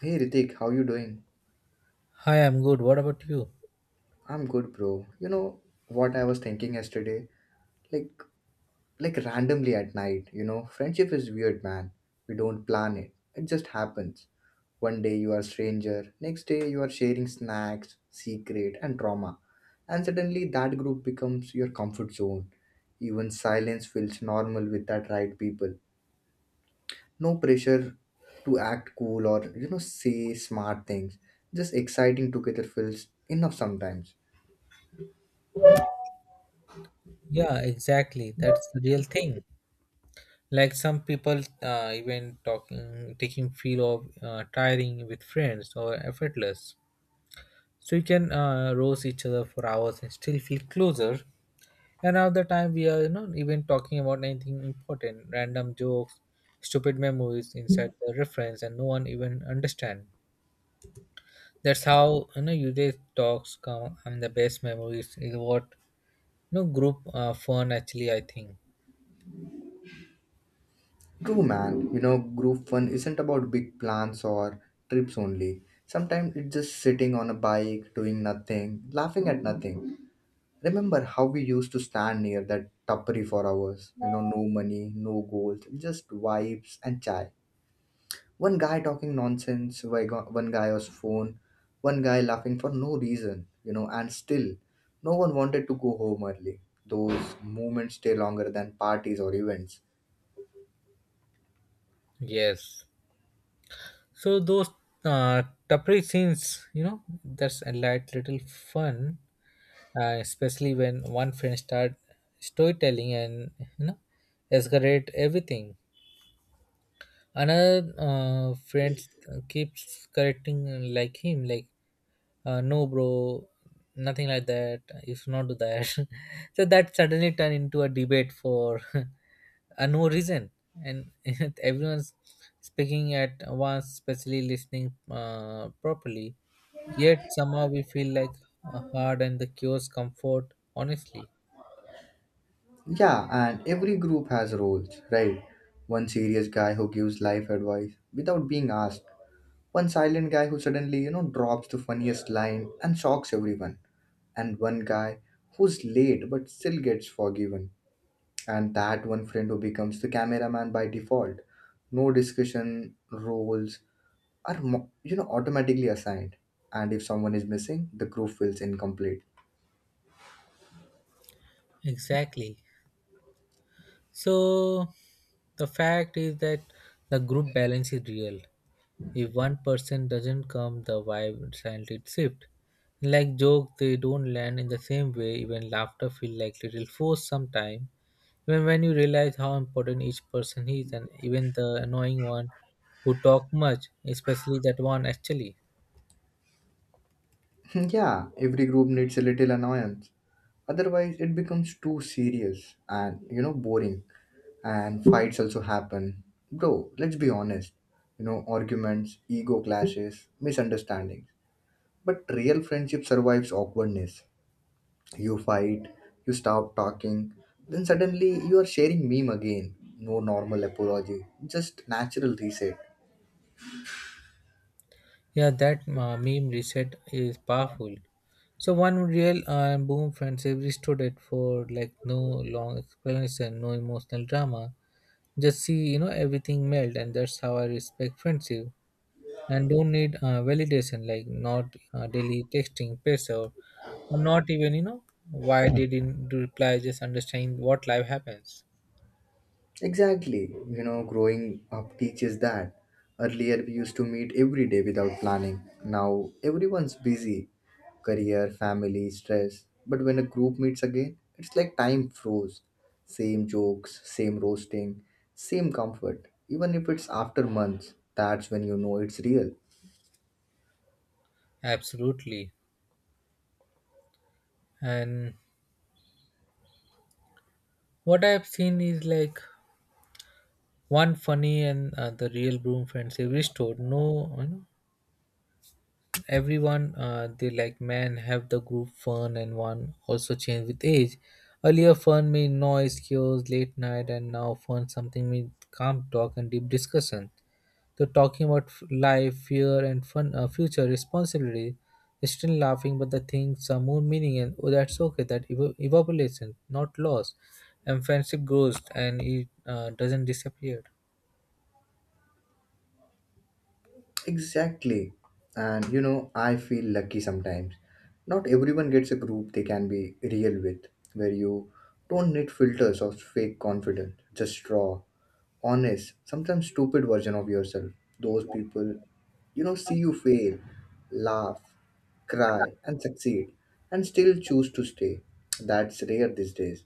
Hey Ritik, how you doing? Hi, I'm good. What about you? I'm good, bro. You know what I was thinking yesterday? Like like randomly at night, you know, friendship is weird, man. We don't plan it. It just happens. One day you are stranger, next day you are sharing snacks, secret and trauma. And suddenly that group becomes your comfort zone. Even silence feels normal with that right people. No pressure to act cool or say smart things. Just exciting together feels enough sometimes. Yeah, exactly. That's the real thing. Like some people, even talking, taking feel of tiring with friends or effortless. So you can roast each other for hours and still feel closer. And other time we are not even talking about anything important, random jokes, stupid memories inside the reference, and no one even understand. That's how you know usually talks come. I mean, the best memories is what you know group fun actually. I think. True, man. You know, group fun isn't about big plans or trips only. Sometimes it's just sitting on a bike, doing nothing, laughing at nothing. Remember how we used to stand near that tapri for hours? You know, no money, no goals, just vibes and chai. One guy talking nonsense, one guy on his phone, one guy laughing for no reason, you know, and still, no one wanted to go home early. Those moments stay longer than parties or events. Yes. So those uh, tapri scenes, you know, that's a light little fun, especially when one friend start storytelling and you know escalate everything. Another friend keeps correcting like him, like no bro, nothing like that. You should not do that. So that suddenly turned into a debate for no reason and everyone's speaking at once, especially listening properly, yet somehow we feel like hard and the cures comfort, honestly. Yeah, and every group has roles, right? One serious guy who gives life advice without being asked. One silent guy who suddenly, you know, drops the funniest line and shocks everyone. And one guy who's late but still gets forgiven. And that one friend who becomes the cameraman by default. No discussion, roles are, automatically assigned. And if someone is missing, the group feels incomplete. Exactly. So the fact is that the group balance is real. If one person doesn't come, the vibe silently shift, like jokes, they don't land in the same way, even laughter feel like little forced sometime. When you realize how important each person is, and even the annoying one who talk much, especially that one actually. Yeah, every group needs a little annoyance, otherwise it becomes too serious and, you know, boring. And fights also happen, bro. Let's be honest, you know, arguments, ego clashes, misunderstandings. But real friendship survives awkwardness. You fight, you stop talking, then suddenly you are sharing meme again. No normal apology, just natural reset. Yeah, that meme reset is powerful. So one real boom friendship restored it for like no long explanation, no emotional drama. Just see, you know, everything melt, and that's how I respect friendship. And don't need validation, like not daily texting pressure, or not even, you know, why they didn't reply, just understand what life happens. Exactly. You know, growing up teaches that. Earlier, we used to meet every day without planning. Now, everyone's busy, career, family, stress. But when a group meets again, it's like time froze. Same jokes, same roasting, same comfort. Even if it's after months, that's when you know it's real. Absolutely. And what I have seen is, like, one funny and the real broom friends have restored, no, you know, everyone they like man have the group fun, and one also change with age. Earlier fun mean noise, chaos, late night, and now fun something mean calm talk and deep discussion. They're talking about life, fear, and fun, future responsibility. They're still laughing, but the things are more meaning, and oh, that's okay. That evaporates, and not lost, and friendship grows and it doesn't disappear. Exactly. And you know, I feel lucky sometimes. Not everyone gets a group they can be real with, where you don't need filters of fake confidence, just raw, honest, sometimes stupid version of yourself. Those people, you know, see you fail, laugh, cry, and succeed, and still choose to stay. That's rare these days.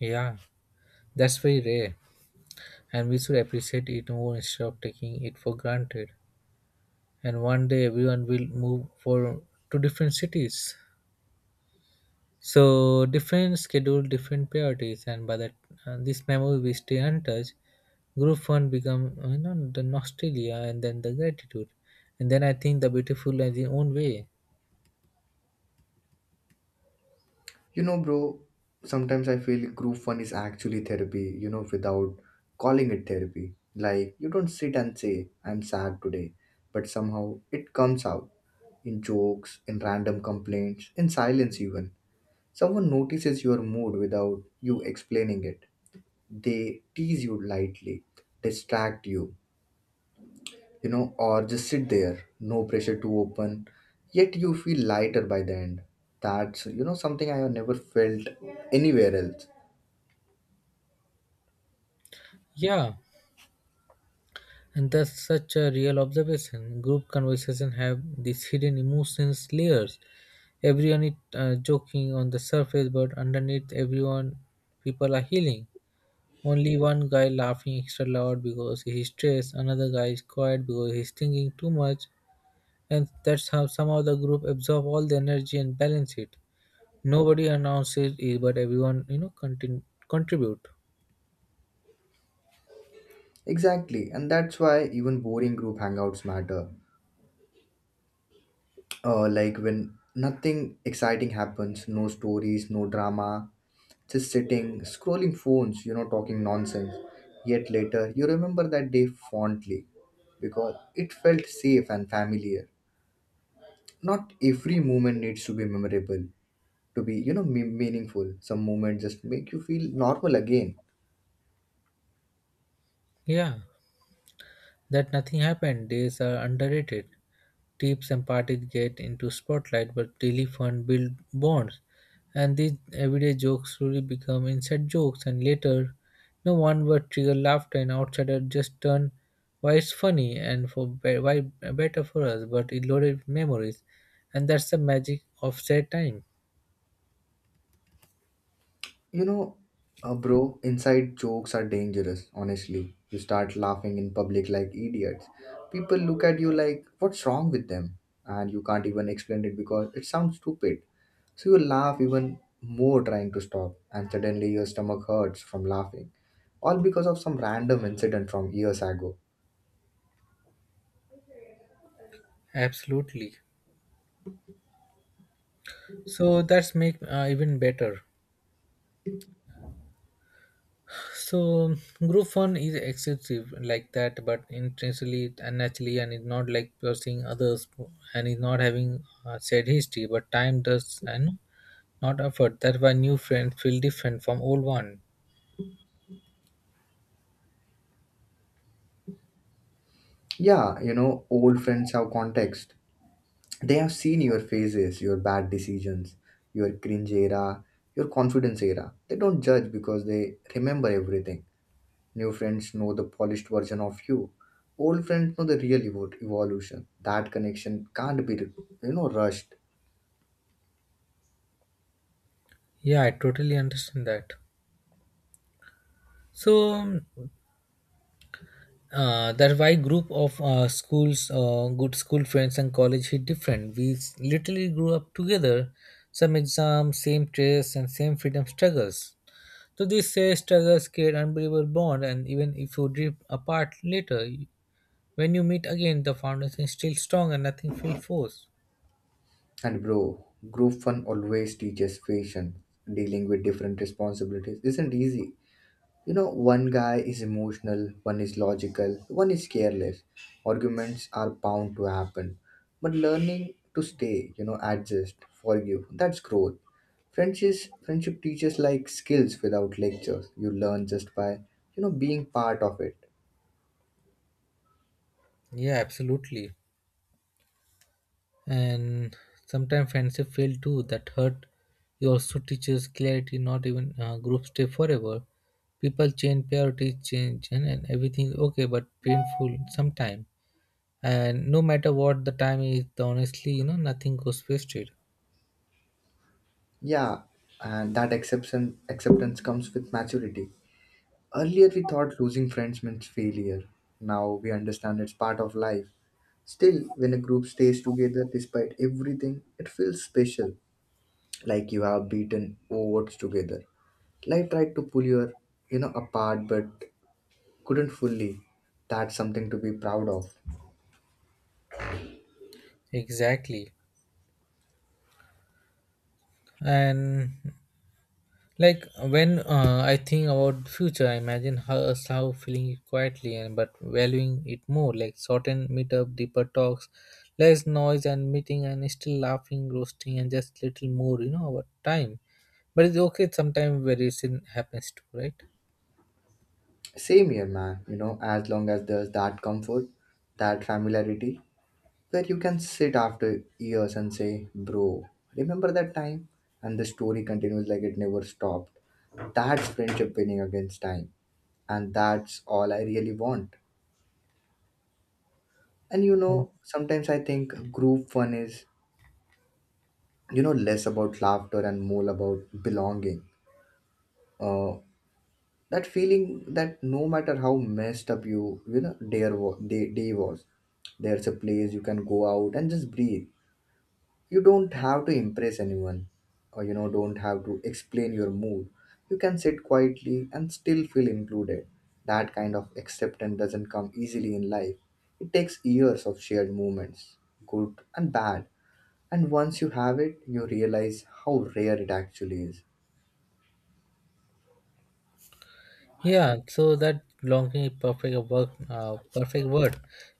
Yeah, that's very rare, and we should appreciate it more instead of taking it for granted. And one day, everyone will move for to different cities. So different schedule, different priorities, and by that, this memory we stay untouched. Group one become, you know, the nostalgia and then the gratitude, and then I think the beautiful in its own way. You know, bro, sometimes I feel group fun is actually therapy, you know, without calling it therapy. Like, you don't sit and say, I'm sad today, but somehow it comes out in jokes, in random complaints, in silence, even. Someone notices your mood without you explaining it. They tease you lightly, distract you, you know, or just sit there, no pressure to open, yet you feel lighter by the end. That's, you know, something I have never felt anywhere else. Yeah, and that's such a real observation. Group conversation have these hidden emotions layers. Everyone is joking on the surface, but underneath, everyone people are healing. Only one guy laughing extra loud because he's stressed, another guy is quiet because he's thinking too much, and that's how somehow the group absorb all the energy and balance it. Nobody announces it, but everyone, you know, contribute. Exactly, and that's why even boring group hangouts matter. Like when nothing exciting happens, no stories, no drama, just sitting, scrolling phones, you know, talking nonsense. Yet later, you remember that day fondly because it felt safe and familiar. Not every moment needs to be memorable to be, you know, meaningful. Some moments just make you feel normal again. Yeah, that nothing happened days are underrated. Tips and parties get into spotlight, but daily fun build bonds. And these everyday jokes slowly become inside jokes, and later, no one word trigger laughter, and outsider just turn why it's funny and for why better for us. But it loaded with memories, and that's the magic of sad time. You know, bro, inside jokes are dangerous, honestly. You start laughing in public like idiots. People look at you like, what's wrong with them? And you can't even explain it because it sounds stupid. So you laugh even more trying to stop, and suddenly your stomach hurts from laughing. All because of some random incident from years ago. Absolutely. So that's make even better. So group one is excessive like that, but intentionally and naturally, and it's not like pursuing others, and is not having said history, but time does and not effort. That's why new friends feel different from old one. Yeah, you know, old friends have context. They have seen your phases, your bad decisions, your cringe era, your confidence era. They don't judge because they remember everything. New friends know the polished version of you. Old friends know the real evolution. That connection can't be, you know, rushed. Yeah, I totally understand that. So that's why group of schools good school friends and college hit different, we literally grew up together, some exams, same tests, and same freedom struggles. So these say struggles create unbelievable bond, and even if you drift apart later, when you meet again, the foundation is still strong and nothing feels forced. And bro, group fun always teaches patience. Dealing with different responsibilities isn't easy. You know, one guy is emotional, one is logical, one is careless. Arguments are bound to happen. But learning to stay, you know, adjust, forgive, that's growth. Friendship, friendship teaches like skills without lectures. You learn just by, you know, being part of it. Yeah, absolutely. And sometimes friendship fail too, that hurt. You also teaches clarity, not even groups stay forever. People change, priorities change, and everything is okay but painful sometime. And no matter what the time is, honestly, you know, nothing goes wasted. Yeah, and that acceptance comes with maturity. Earlier, we thought losing friends meant failure. Now we understand it's part of life. Still, when a group stays together despite everything, it feels special, like you have beaten odds together. Life tried to pull your, you know, apart, but couldn't fully. That's something to be proud of. Exactly. And like when I think about future, I imagine how us how feeling it quietly and but valuing it more. Like shortened meetup, deeper talks, less noise and meeting, and still laughing, roasting, and just little more. You know, about time. But it's okay sometimes where it happens too, right? Same here, man. You know, as long as there's that comfort, that familiarity, where you can sit after years and say, bro, remember that time? And the story continues like it never stopped. That's friendship winning against time. And that's all I really want. And you know, sometimes I think group fun is, you know, less about laughter and more about belonging. Uh, that feeling that no matter how messed up you, you know, day, wa- day, day was, there's a place you can go out and just breathe. You don't have to impress anyone, or, you know, don't have to explain your mood. You can sit quietly and still feel included. That kind of acceptance doesn't come easily in life. It takes years of shared moments, good and bad, and once you have it, you realize how rare it actually is. Yeah, so that belonging is perfect a work, perfect word.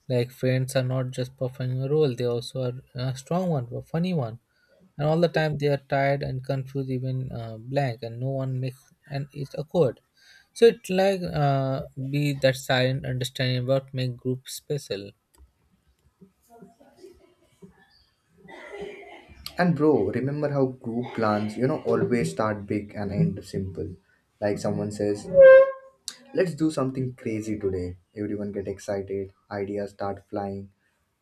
Like friends are not just performing a role; they also are a strong one, a funny one, and all the time they are tired and confused, even blank, and no one makes and it's awkward. So it's like be that silent understanding about make group special. And bro, remember how group plans, you know, always start big and end simple. Like someone says, let's do something crazy today. Everyone get excited, ideas start flying.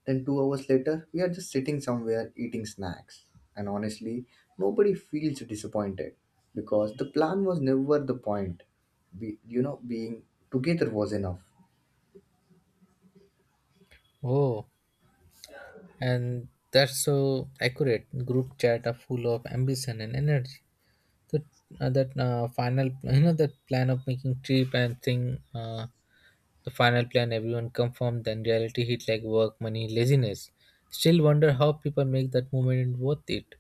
Then 2 hours later, we are just sitting somewhere eating snacks. And honestly, nobody feels disappointed because the plan was never the point. Be, you know, being together was enough. Oh, and that's so accurate. Group chat are full of ambition and energy. That that final, you know, that plan of making trip and thing, the final plan everyone confirmed, then reality hit like work, money, laziness. Still wonder how people make that moment worth it,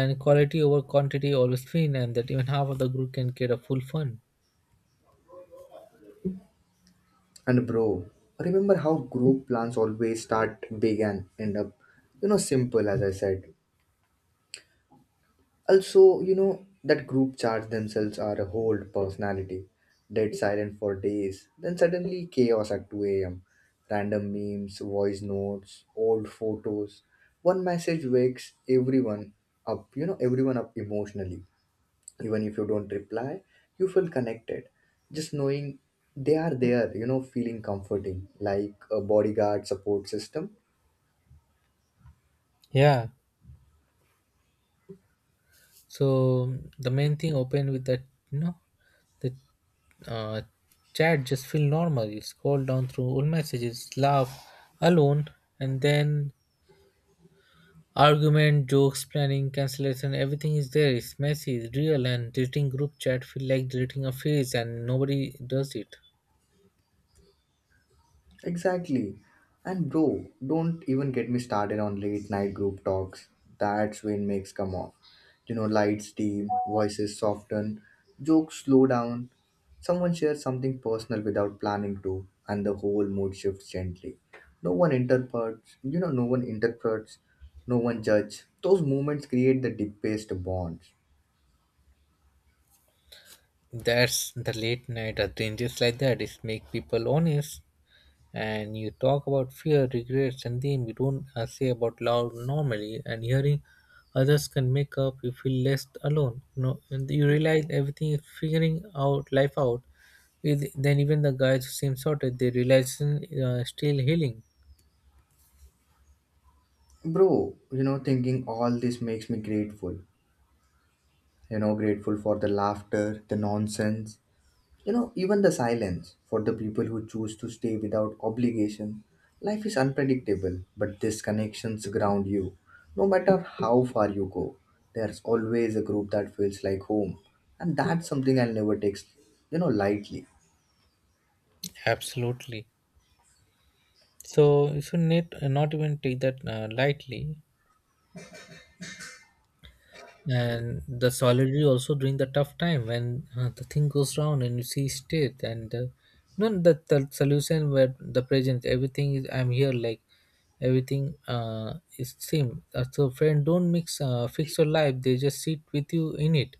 and quality over quantity always win, and that even half of the group can get a full fun. And bro, remember how group plans always start big and end up, you know, simple, as I said. Also, you know, that group chats themselves are a whole personality. Dead silent for days, then suddenly chaos at 2 am. Random memes, voice notes, old photos. One message wakes everyone up, you know, everyone up emotionally. Even if you don't reply, you feel connected. Just knowing they are there, you know, feeling comforting, like a bodyguard support system. Yeah. So the main thing open with that, you know, the uh, chat just feel normal, you scroll down through all messages, laugh alone, and then argument, jokes, planning, cancellation, everything is there. It's messy, it's real, and deleting group chat feel like deleting a face, and nobody does it. Exactly. And bro, don't even get me started on late night group talks. That's when makes come off. You know, lights dim, voices soften, jokes slow down. Someone shares something personal without planning to, and the whole mood shifts gently. No one interprets, you know, No one interprets, no one judge. Those moments create the deepest bonds. That's the late night adventures like that. It make people honest, and you talk about fear, regrets, and then you don't say about love normally. And hearing others can make up, you feel less alone. No, and you realize everything is figuring out life out. Then even the guys who seem sorted, they realize still healing. Bro, you know, thinking all this makes me grateful. You know, grateful for the laughter, the nonsense, you know, even the silence, for the people who choose to stay without obligation. Life is unpredictable, but these connections ground you. No matter how far you go, there's always a group that feels like home. And that's something I'll never take, you know, lightly. Absolutely. So you should not, not even take that lightly. And the solidarity also during the tough time when the thing goes wrong and you see state and you know the solution where the present everything is I'm here, like everything is same. So friend, don't mix fix your life. They just sit with you in it.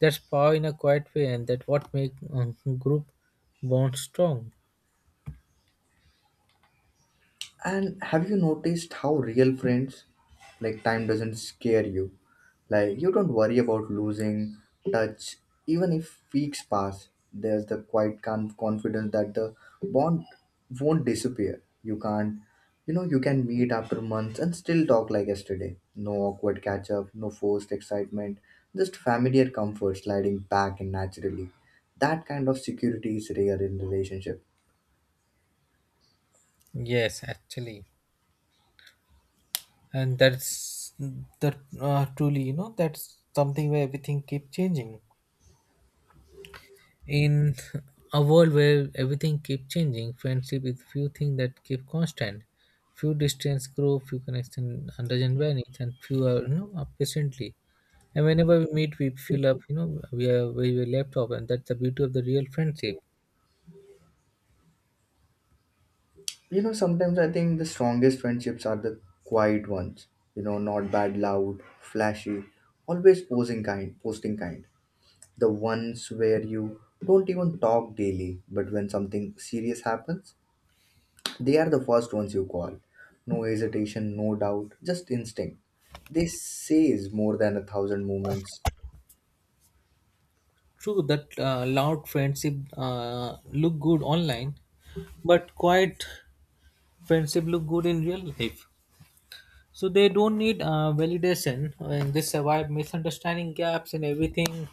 That's power in a quiet way, and that what make group bond strong. And have you noticed how real friends, like time doesn't scare you? Like you don't worry about losing touch, even if weeks pass. There's the quiet confidence that the bond won't disappear. You can't, you know, you can meet after months and still talk like yesterday. No awkward catch up, no forced excitement, just familiar comfort sliding back in naturally. That kind of security is rare in relationship. Yes, actually. And that's that truly, you know, that's something where everything keep changing in a world where everything keep changing. Friendship is few things that keep constant. Few distance grow, few connection understand vanish, and few are, you know, up patiently. And whenever we meet, we feel up, you know, we are where we were left off, and that's the beauty of the real friendship. You know, sometimes I think the strongest friendships are the quiet ones. You know, not bad, loud, flashy, always posing kind, posting kind. The ones where you don't even talk daily, but when something serious happens, they are the first ones you call. No hesitation, no doubt, just instinct. This says more than 1,000 moments. True that loud friendship look good online, but quiet friendship look good in real life. So they don't need validation, and they survive misunderstanding, gaps, and everything.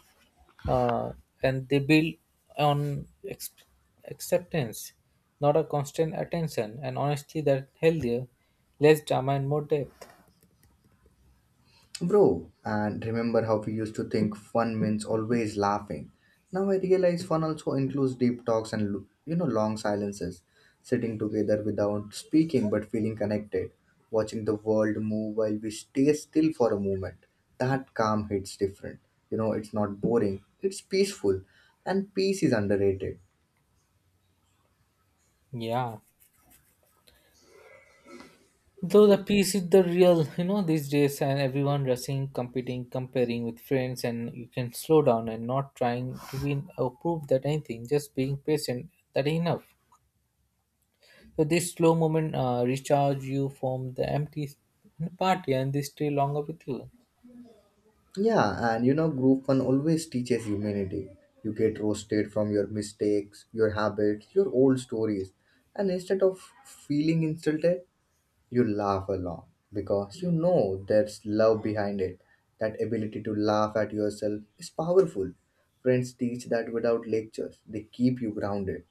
Uh, and they build on acceptance, not a constant attention, and honestly that healthier, less drama and more depth. Bro, and remember how we used to think fun means always laughing. Now I realize fun also includes deep talks and you know, long silences, sitting together without speaking but feeling connected, watching the world move while we stay still for a moment. That calm hits different. You know, it's not boring, it's peaceful, and peace is underrated. Yeah, though the peace is the real, you know, these days, and everyone rushing, competing, comparing with friends, and you can slow down and not trying to win or prove that anything, just being patient, that enough. So this slow moment recharge you from the empty party, and they stay longer with you. Yeah, and you know, group one always teaches humanity. You get roasted from your mistakes, your habits, your old stories, and instead of feeling insulted, you laugh along because you know there's love behind it. That ability to laugh at yourself is powerful. Friends teach that without lectures, they keep you grounded.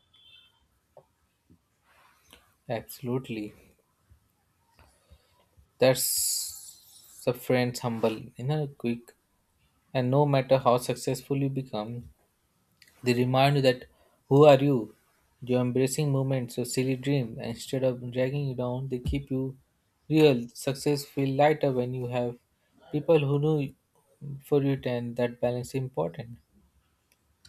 Absolutely. That's the friends humble, you know, quick. And no matter how successful you become, they remind you that who are you? You're embracing moments, your silly dreams, and instead of dragging you down, they keep you real. Success feel lighter when you have people who know for it, and that balance is important.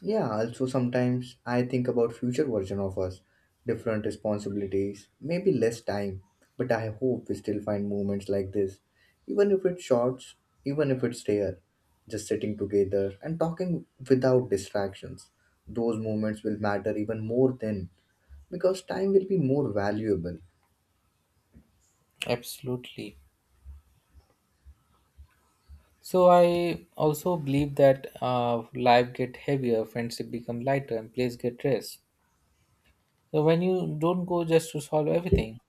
Yeah, also sometimes I think about future version of us, different responsibilities, maybe less time, but I hope we still find moments like this, even if it's short, even if it's rare, just sitting together and talking without distractions. Those moments will matter even more then because time will be more valuable. Absolutely. So I also believe that life get heavier, friendship become lighter, and place get rest. So when you don't go just to solve everything,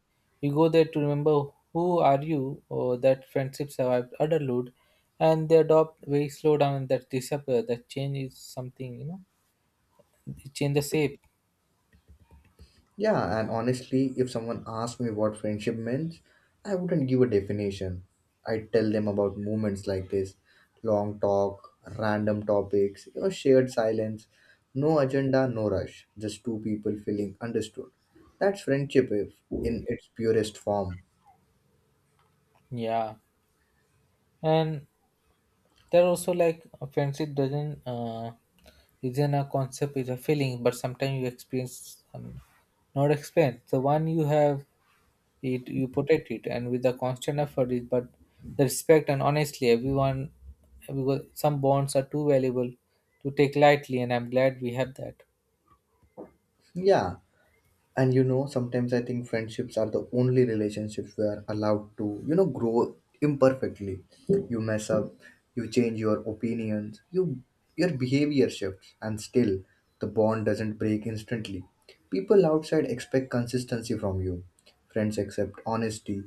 you go there to remember who are you, or that friendship survived adulthood, and they adopt very slow down and that disappear, that change is something, you know, it change the shape. Yeah, and honestly, if someone asked me what friendship meant, I wouldn't give a definition. I'd tell them about moments like this, long talk, random topics, you know, shared silence, no agenda, no rush, just two people feeling understood. That's friendship if in its purest form. Yeah, and there also like a friendship doesn't isn't a concept, is a feeling, but sometimes you experience not explained. The one you have it, you protect it and with the constant effort it, but the respect and honestly everyone, because some bonds are too valuable to take lightly, and I'm glad we have that. Yeah, and sometimes I think friendships are the only relationships we are allowed to, grow imperfectly. You mess up, you change your opinions, your behavior shifts, and still the bond doesn't break instantly. People outside expect consistency from you. Friends accept honesty.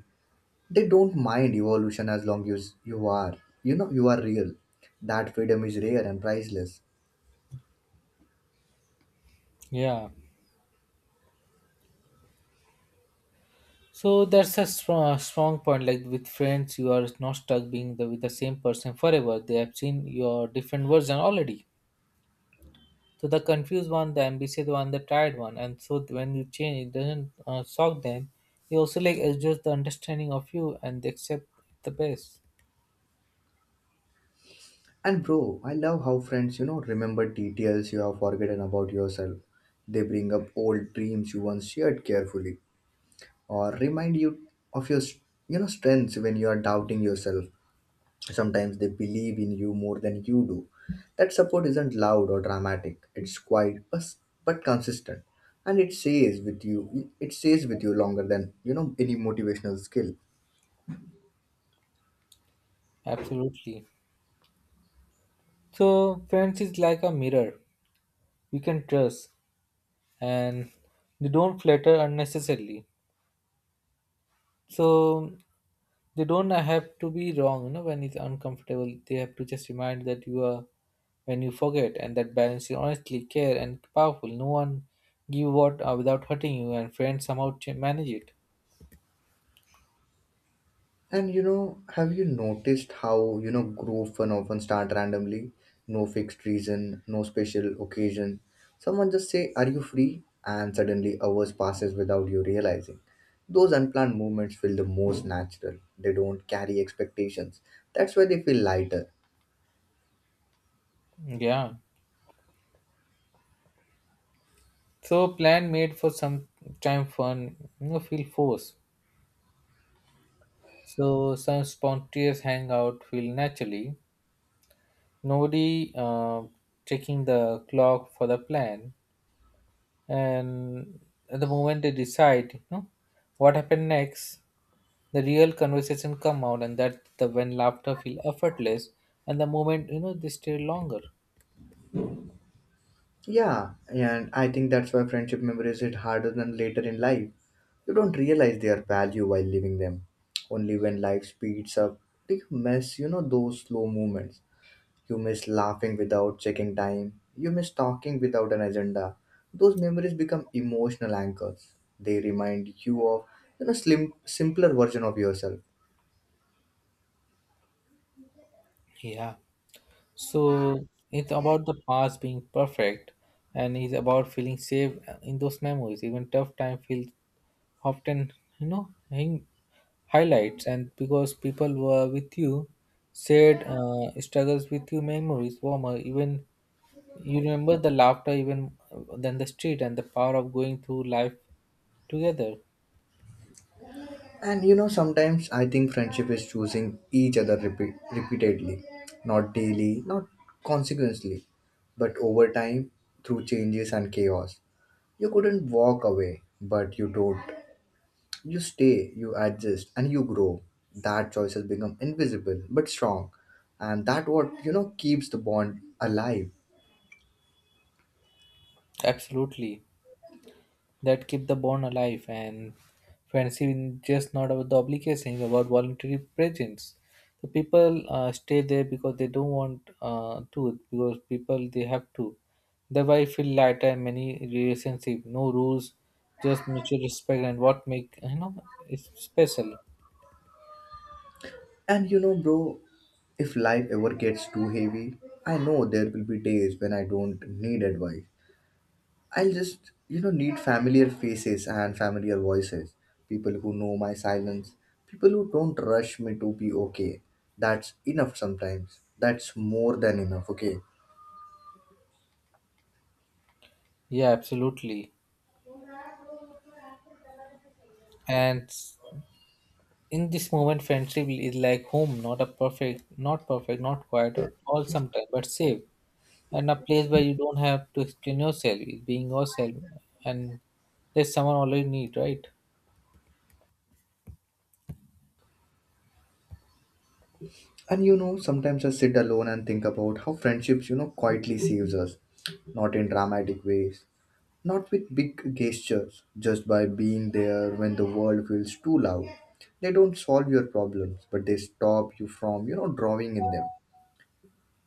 They don't mind evolution as long as you are real. That freedom is rare and priceless. Yeah, so that's a strong point. Like with friends, you are not stuck being the, with the same person forever, they have seen your different version already. So the confused one, the ambitious one, the tired one, and so when you change it doesn't shock them. You also like adjust the understanding of you and they accept the best. And bro, I love how friends, remember details you have forgotten about yourself. They bring up old dreams you once shared carefully, or remind you of your, strengths when you are doubting yourself. Sometimes they believe in you more than you do. That support isn't loud or dramatic. It's quiet, but consistent, and it stays with you. It stays with you longer than any motivational skill. Absolutely. So, friends is like a mirror we can trust, and they don't flatter unnecessarily. So, they don't have to be wrong, you know, when it's uncomfortable. They have to just remind that you are when you forget, and that balance is honestly care and powerful. No one give what without hurting you, and friends somehow manage it. And have you noticed how, group fun often start randomly? No fixed reason, no special occasion. Someone just say, are you free? And suddenly hours passes without you realizing. Those unplanned moments feel the most natural. They don't carry expectations. That's why they feel lighter. Yeah. So, plan made for some time fun, you know, feel forced. So, some spontaneous hangout feel naturally, nobody checking the clock for the plan, and at the moment they decide, you know, what happened next, the real conversation come out, and that the when laughter feel effortless, and the moment, you know, they stay longer. Yeah, and I think that's why friendship memories hit harder than later in life. You don't realize their value while living them. Only when life speeds up do you miss, those slow moments. You miss laughing without checking time. You miss talking without an agenda. Those memories become emotional anchors. They remind you of slim simpler version of yourself. Yeah, so it's about the past being perfect, and it's about feeling safe in those memories, even tough time feels often, you know, highlights, and because people were with you, shared struggles with you, memories warmer, even you remember the laughter even than the street, and the power of going through life together. And sometimes I think friendship is choosing each other repeatedly, not daily, not consequently, but over time through changes and chaos. You couldn't walk away, but you don't. You stay, you adjust, and you grow. That choice has become invisible but strong, and that what keeps the bond alive. Absolutely. That keep the bond alive, and friendship is just not about the obligation, it's about voluntary presence. So people stay there because they don't want to because people they have to, thereby feel lighter in many relationship, no rules, just mutual respect, and what make, you know, it's special. And bro, if life ever gets too heavy, I know there will be days when I don't need advice. I'll just need familiar faces and familiar voices, people who know my silence, people who don't rush me to be okay. That's enough sometimes. That's more than enough. Okay. Yeah, absolutely. And in this moment friendship is like home, not a perfect, not perfect, not quiet at all sometimes, but safe, and a place where you don't have to explain yourself, being yourself, and there's someone already need, right? And sometimes I sit alone and think about how friendships, quietly saves us, not in dramatic ways, not with big gestures, just by being there when the world feels too loud. They don't solve your problems, but they stop you from, drawing in them.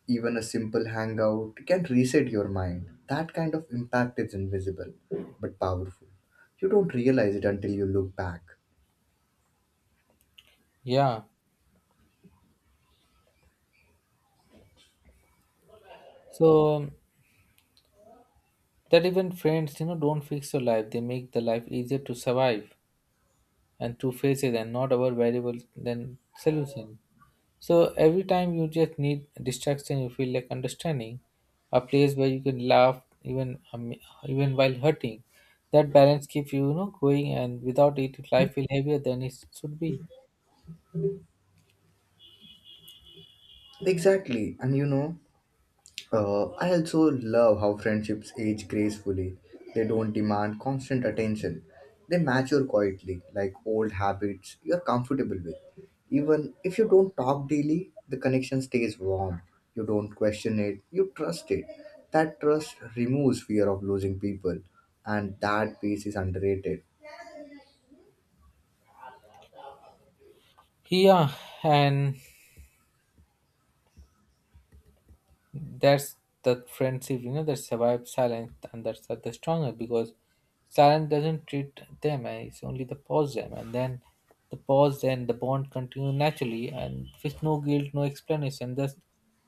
Even a simple hangout can reset your mind. That kind of impact is invisible, but powerful. You don't realize it until you look back. Yeah. So that even friends, you know, don't fix your life. They make the life easier to survive and to face it, and not our variable than solution. So every time you just need distraction, you feel like understanding, a place where you can laugh even even while hurting. That balance keeps you, you know, going, and without it, life will heavier than it should be. Exactly, and I also love how friendships age gracefully. They don't demand constant attention. They mature quietly, like old habits you're comfortable with. Even if you don't talk daily, the connection stays warm. You don't question it, you trust it. That trust removes fear of losing people, and that peace is underrated. Yeah, and that's the friendship, you know, that survives silence, and that's are the stronger because silence doesn't treat them, and it's only the pause them and then the pause and the bond continue naturally and with no guilt, no explanation, just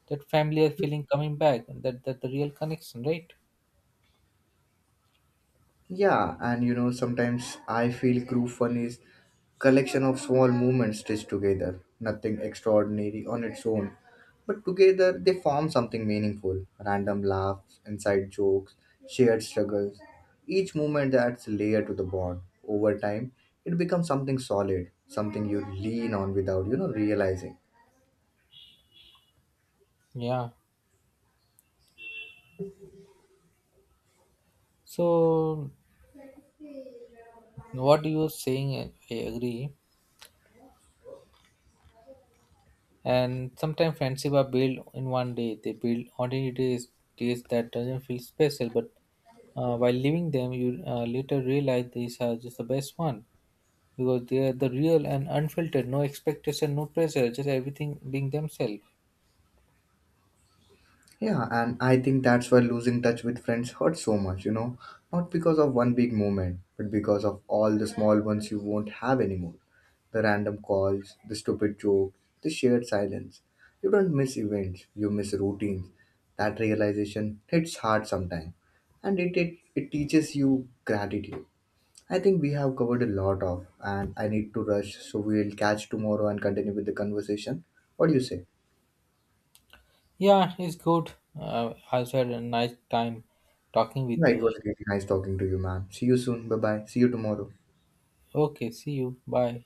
that familiar feeling coming back, and that, that the real connection, right? Yeah, and sometimes I feel group fun is collection of small movements stitched together, nothing extraordinary on its own, but together they form something meaningful. Random laughs, inside jokes, shared struggles. Each movement adds a layer to the bond. Over time, it becomes something solid, something you lean on without, realizing. Yeah. So what you are saying, I agree. And sometimes friendship are built in one day. They build ordinary days, days that doesn't feel special, but while leaving them, you later realize these are just the best one because they are the real and unfiltered, no expectation, no pressure, just everything being themselves. Yeah, and I think that's why losing touch with friends hurts so much, not because of one big moment, but because of all the small ones you won't have anymore. The random calls, the stupid jokes, the shared silence. You don't miss events, you miss routines. That realization hits hard sometimes, and it teaches you gratitude. I think we have covered a lot of, and I need to rush, so we'll catch tomorrow and continue with the conversation. What do you say? Yeah, it's good. I also had a nice time talking Yeah, with it you. was really nice talking to you, man. See you soon. Bye bye. See you tomorrow. Okay, see you. Bye.